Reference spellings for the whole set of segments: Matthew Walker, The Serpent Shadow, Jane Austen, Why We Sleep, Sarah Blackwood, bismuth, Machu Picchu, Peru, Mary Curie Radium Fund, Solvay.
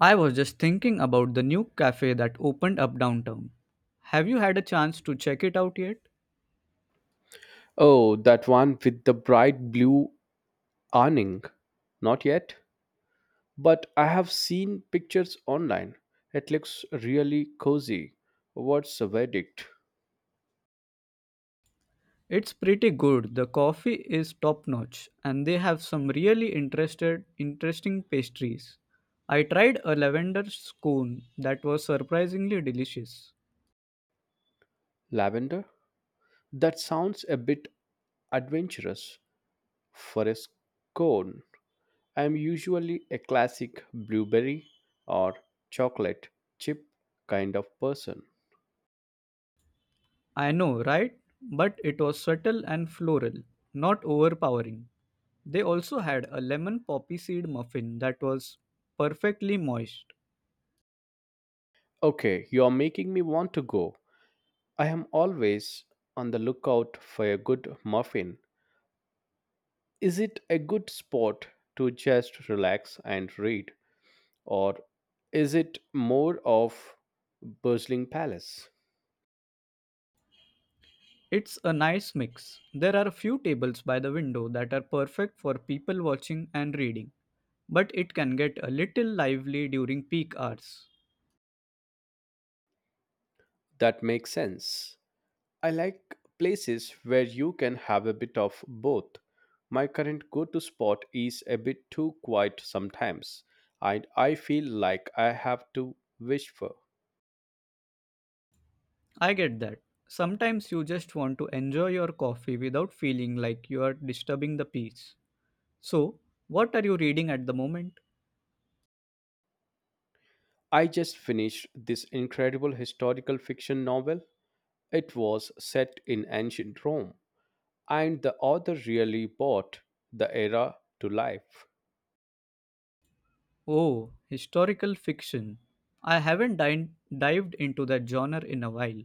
I was just thinking about the new cafe that opened up downtown. Have you had a chance to check it out yet? Oh, that one with the bright blue awning. Not yet, but I have seen pictures online. It looks really cozy. What's the verdict? It's pretty good. The coffee is top notch and they have some really interested interesting pastries. I tried a lavender scone that was surprisingly delicious. Lavender? That sounds a bit adventurous for a scone. I am usually a classic blueberry or chocolate chip kind of person. I know, right? But it was subtle and floral, not overpowering. They also had a lemon poppy seed muffin that was perfectly moist. Okay, you are making me want to go. I am always on the lookout for a good muffin. Is it a good spot to just relax and read, or is it more of bustling palace? It's a nice mix. There are a few tables by the window that are perfect for people watching and reading, but it can get a little lively during peak hours. That makes sense. I like places where you can have a bit of both. My current go to spot is a bit too quiet sometimes, and I feel like I have to wish for. I get that. Sometimes you just want to enjoy your coffee without feeling like you are disturbing the peace. So, what are you reading at the moment? I just finished this incredible historical fiction novel. It was set in ancient Rome and the author really brought the era to life. Oh, historical fiction. I haven't dived into that genre in a while.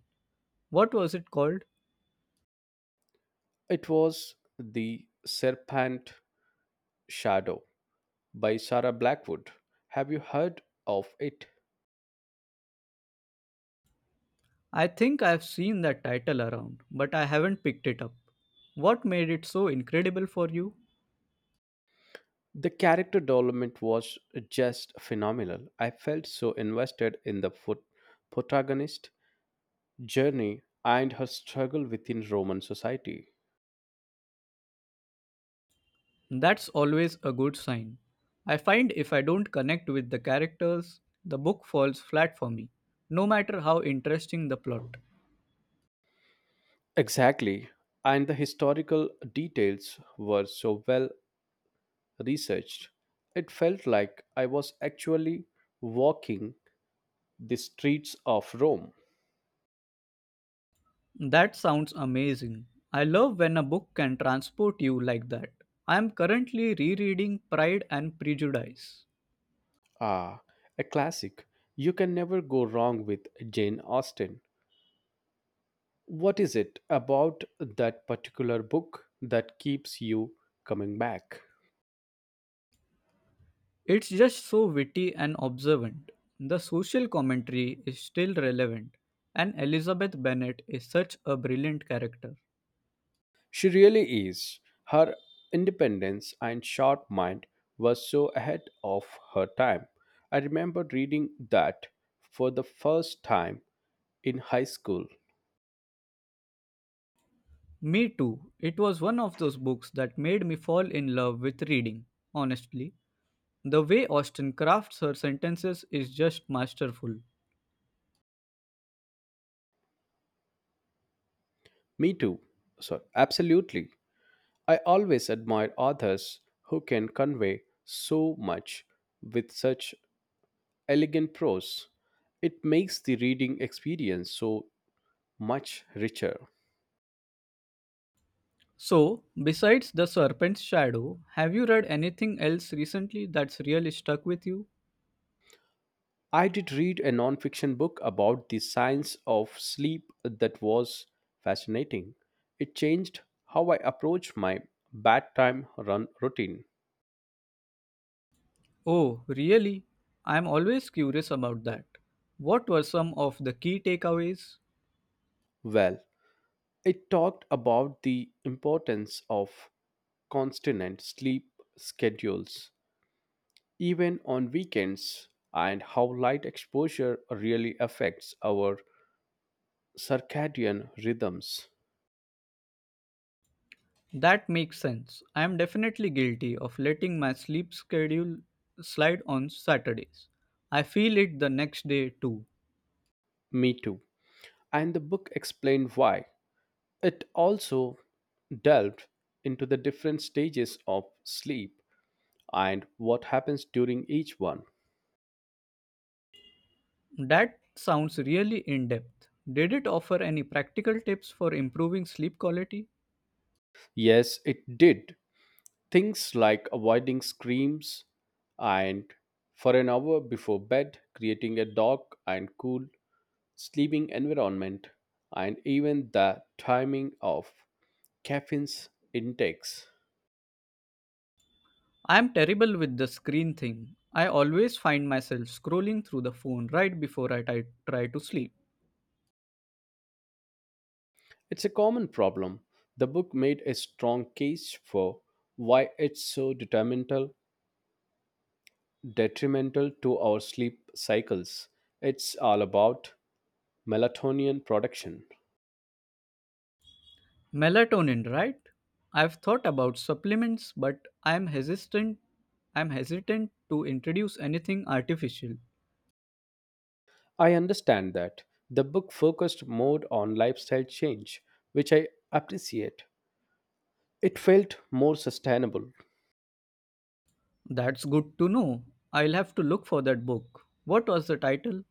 What was it called? It was The Serpent Shadow by Sarah Blackwood. Have you heard of it? I think I've seen that title around, but I haven't picked it up. What made it so incredible for you? The character development was just phenomenal. I felt so invested in the foot protagonist journey and her struggle within Roman society. That's always a good sign. I find if I don't connect with the characters, the book falls flat for me, no matter how interesting the plot. Exactly. And the historical details were so well researched, it felt like I was actually walking the streets of Rome. That sounds amazing. I love when a book can transport you like that. I am currently rereading Pride and Prejudice. Ah, a classic. You can never go wrong with Jane Austen. What is it about that particular book that keeps you coming back? It's just so witty and observant. The social commentary is still relevant, and Elizabeth Bennet is such a brilliant character. She really is. Her independence and sharp mind was so ahead of her time. I remember reading that for the first time in high school. Me too. It was one of those books that made me fall in love with reading, honestly. The way Austen crafts her sentences is just masterful. Me too. So, absolutely. I always admire authors who can convey so much with such elegant prose. It makes the reading experience so much richer. So, besides The Serpent's Shadow, have you read anything else recently that's really stuck with you? I did read a non-fiction book about the science of sleep that was fascinating. It changed how I approach my bedtime run routine. Oh, really? I'm always curious about that. What were some of the key takeaways? Well, it talked about the importance of constant sleep schedules, even on weekends, and how light exposure really affects our circadian rhythms. That makes sense. I am definitely guilty of letting my sleep schedule slide on Saturdays. I feel it the next day too. Me too. And the book explained why. It also delved into the different stages of sleep and what happens during each one. That sounds really in depth. Did it offer any practical tips for improving sleep quality? Yes, it did. Things like avoiding screams and for an hour before bed, creating a dark and cool sleeping environment, and even the timing of caffeine's intakes. I am terrible with the screen thing. I always find myself scrolling through the phone right before I try to sleep. It's a common problem. The book made a strong case for why it's so detrimental to our sleep cycles. It's all about melatonin production. Melatonin, right? I've thought about supplements, but I'm hesitant to introduce anything artificial. I understand that the book focused more on lifestyle change, which I appreciate. It felt more sustainable. That's good to know. I'll have to look for that book. What was the title?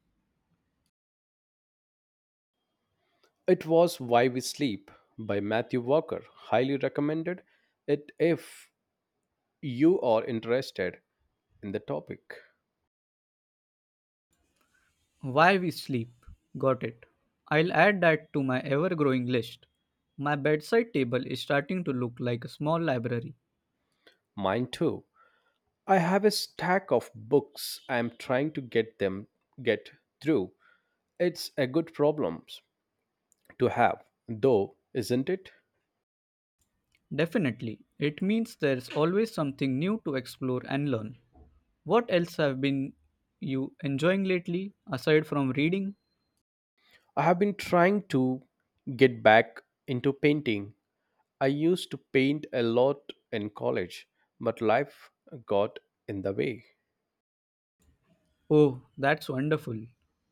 It was Why We Sleep by Matthew Walker. Highly recommended it if you are interested in the topic. Why We Sleep. Got it. I'll add that to my ever growing list. My bedside table is starting to look like a small library. Mine too. I have a stack of books I am trying to get through. It's a good problem to have, though, isn't it? Definitely. It means there's always something new to explore and learn. What else have been you enjoying lately aside from reading? I have been trying to get back into painting. I used to paint a lot in college, but life got in the way. Oh, that's wonderful.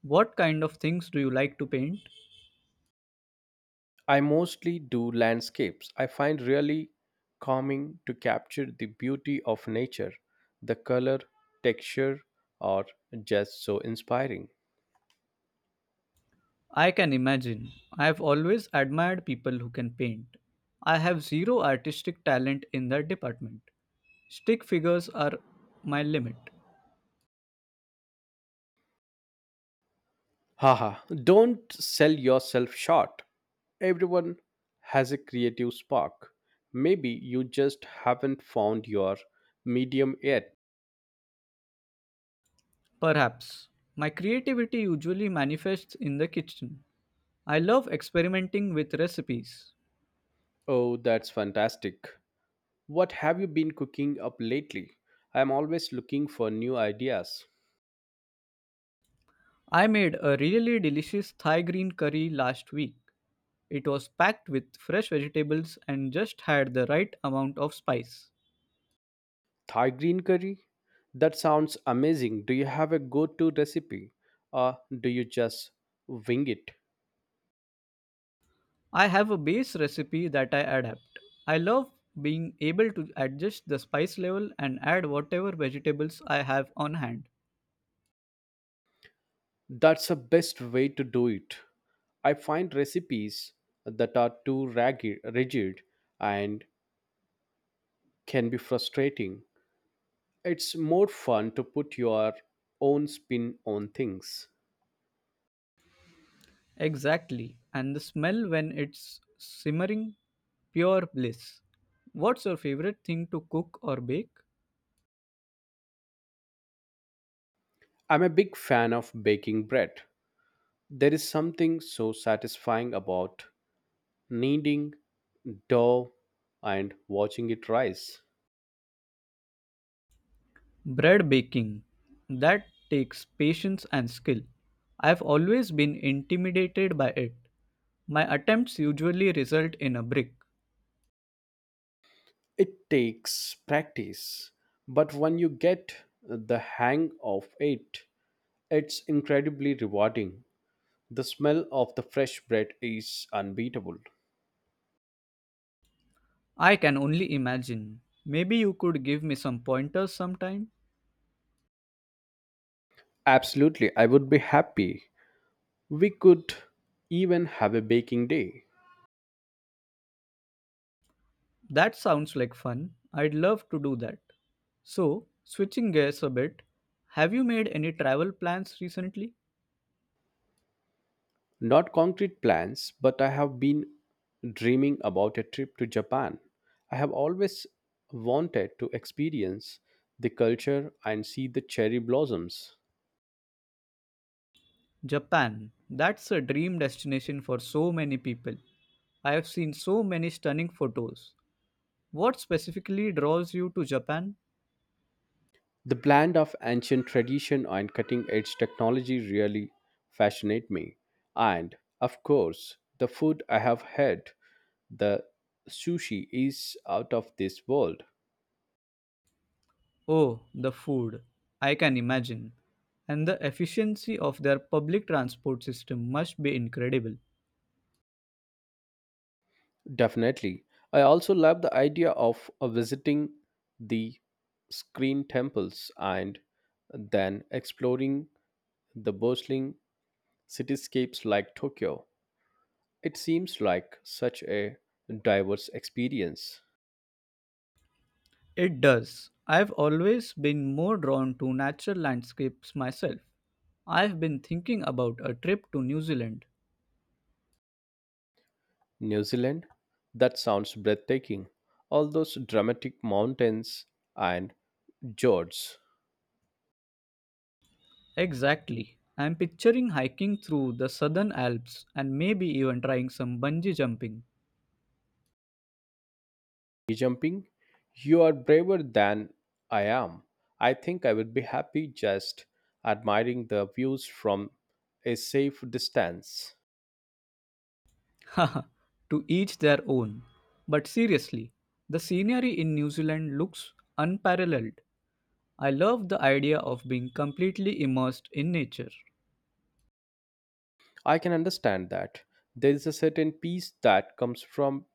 What kind of things do you like to paint? I mostly do landscapes. I find really calming to capture the beauty of nature. The color, texture are just so inspiring. I can imagine. I have always admired people who can paint. I have zero artistic talent in that department. Stick figures are my limit. Haha, don't sell yourself short. Everyone has a creative spark. Maybe you just haven't found your medium yet. Perhaps. My creativity usually manifests in the kitchen. I love experimenting with recipes. Oh, that's fantastic. What have you been cooking up lately? I'm always looking for new ideas. I made a really delicious Thai green curry last week. It was packed with fresh vegetables and just had the right amount of spice. Thai green curry? That sounds amazing. Do you have a go to recipe or do you just wing it? I have a base recipe that I adapt. I love being able to adjust the spice level and add whatever vegetables I have on hand. That's the best way to do it. I find recipes that are too raggy, rigid and can be frustrating. It's more fun to put your own spin on things. Exactly, and the smell when it's simmering, pure bliss. What's your favorite thing to cook or bake? I'm a big fan of baking bread. There is something so satisfying about kneading dough and watching it rise. Bread baking. That takes patience and skill. I've always been intimidated by it. My attempts usually result in a brick. It takes practice, but when you get the hang of it, it's incredibly rewarding. The smell of the fresh bread is unbeatable. I can only imagine. Maybe you could give me some pointers sometime? Absolutely, I would be happy. We could even have a baking day. That sounds like fun. I'd love to do that. So, switching gears a bit, have you made any travel plans recently? Not concrete plans, but I have been dreaming about a trip to Japan. I have always wanted to experience the culture and see the cherry blossoms. Japan. That's a dream destination for so many people. I have seen so many stunning photos. What specifically draws you to Japan? The blend of ancient tradition and cutting edge technology really fascinate me. And, of course, the food I have had, the sushi, is out of this world. Oh, the food. I can imagine. And the efficiency of their public transport system must be incredible. Definitely. I also love the idea of visiting the screen temples and then exploring the bustling cityscapes like Tokyo. It seems like such a diverse experience. It does. I've always been more drawn to natural landscapes myself. I've been thinking about a trip to New Zealand. New Zealand? That sounds breathtaking. All those dramatic mountains and fjords. Exactly. I'm picturing hiking through the Southern Alps and maybe even trying some bungee jumping. Bungee Jumping? You are braver than I am. I think I would be happy just admiring the views from a safe distance. Haha, to each their own. But seriously, the scenery in New Zealand looks unparalleled. I love the idea of being completely immersed in nature. I can understand that. There is a certain peace that comes from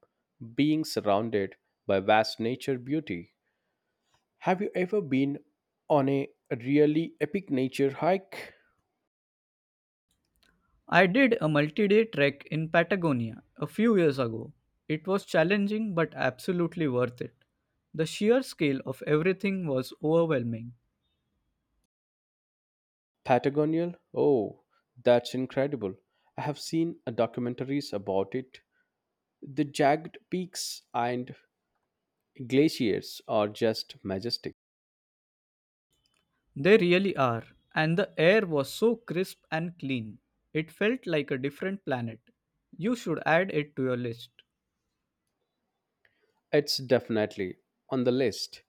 being surrounded by vast nature beauty. Have you ever been on a really epic nature hike? I did a multi day trek in Patagonia a few years ago. It was challenging but absolutely worth it. The sheer scale of everything was overwhelming. Patagonial? Oh, that's incredible. I have seen documentaries about it. The jagged peaks and glaciers are just majestic. They really are, and the air was so crisp and clean. It felt like a different planet. You should add it to your list. It's definitely on the list.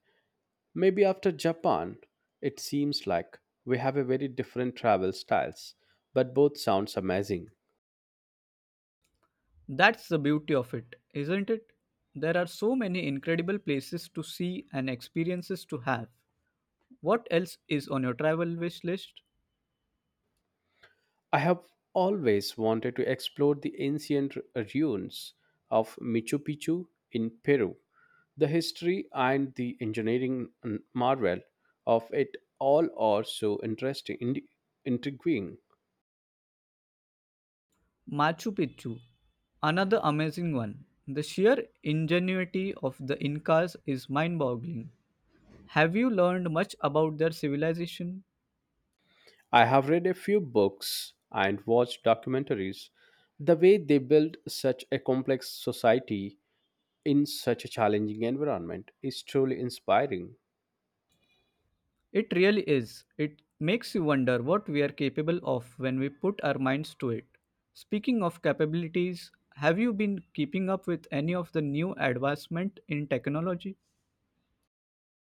Maybe after Japan, it seems like we have a very different travel styles, but both sounds amazing. That's the beauty of it, isn't it? There are so many incredible places to see and experiences to have. What else is on your travel wish list? I have always wanted to explore the ancient ruins of Machu Picchu in Peru. The history and the engineering marvel of it all are so interesting, intriguing. Machu Picchu, another amazing one. The sheer ingenuity of the Incas is mind boggling. Have you learned much about their civilization? I have read a few books and watched documentaries. The way they built such a complex society in such a challenging environment is truly inspiring. It really is. It makes you wonder what we are capable of when we put our minds to it. Speaking of capabilities, have you been keeping up with any of the new advancement in technology?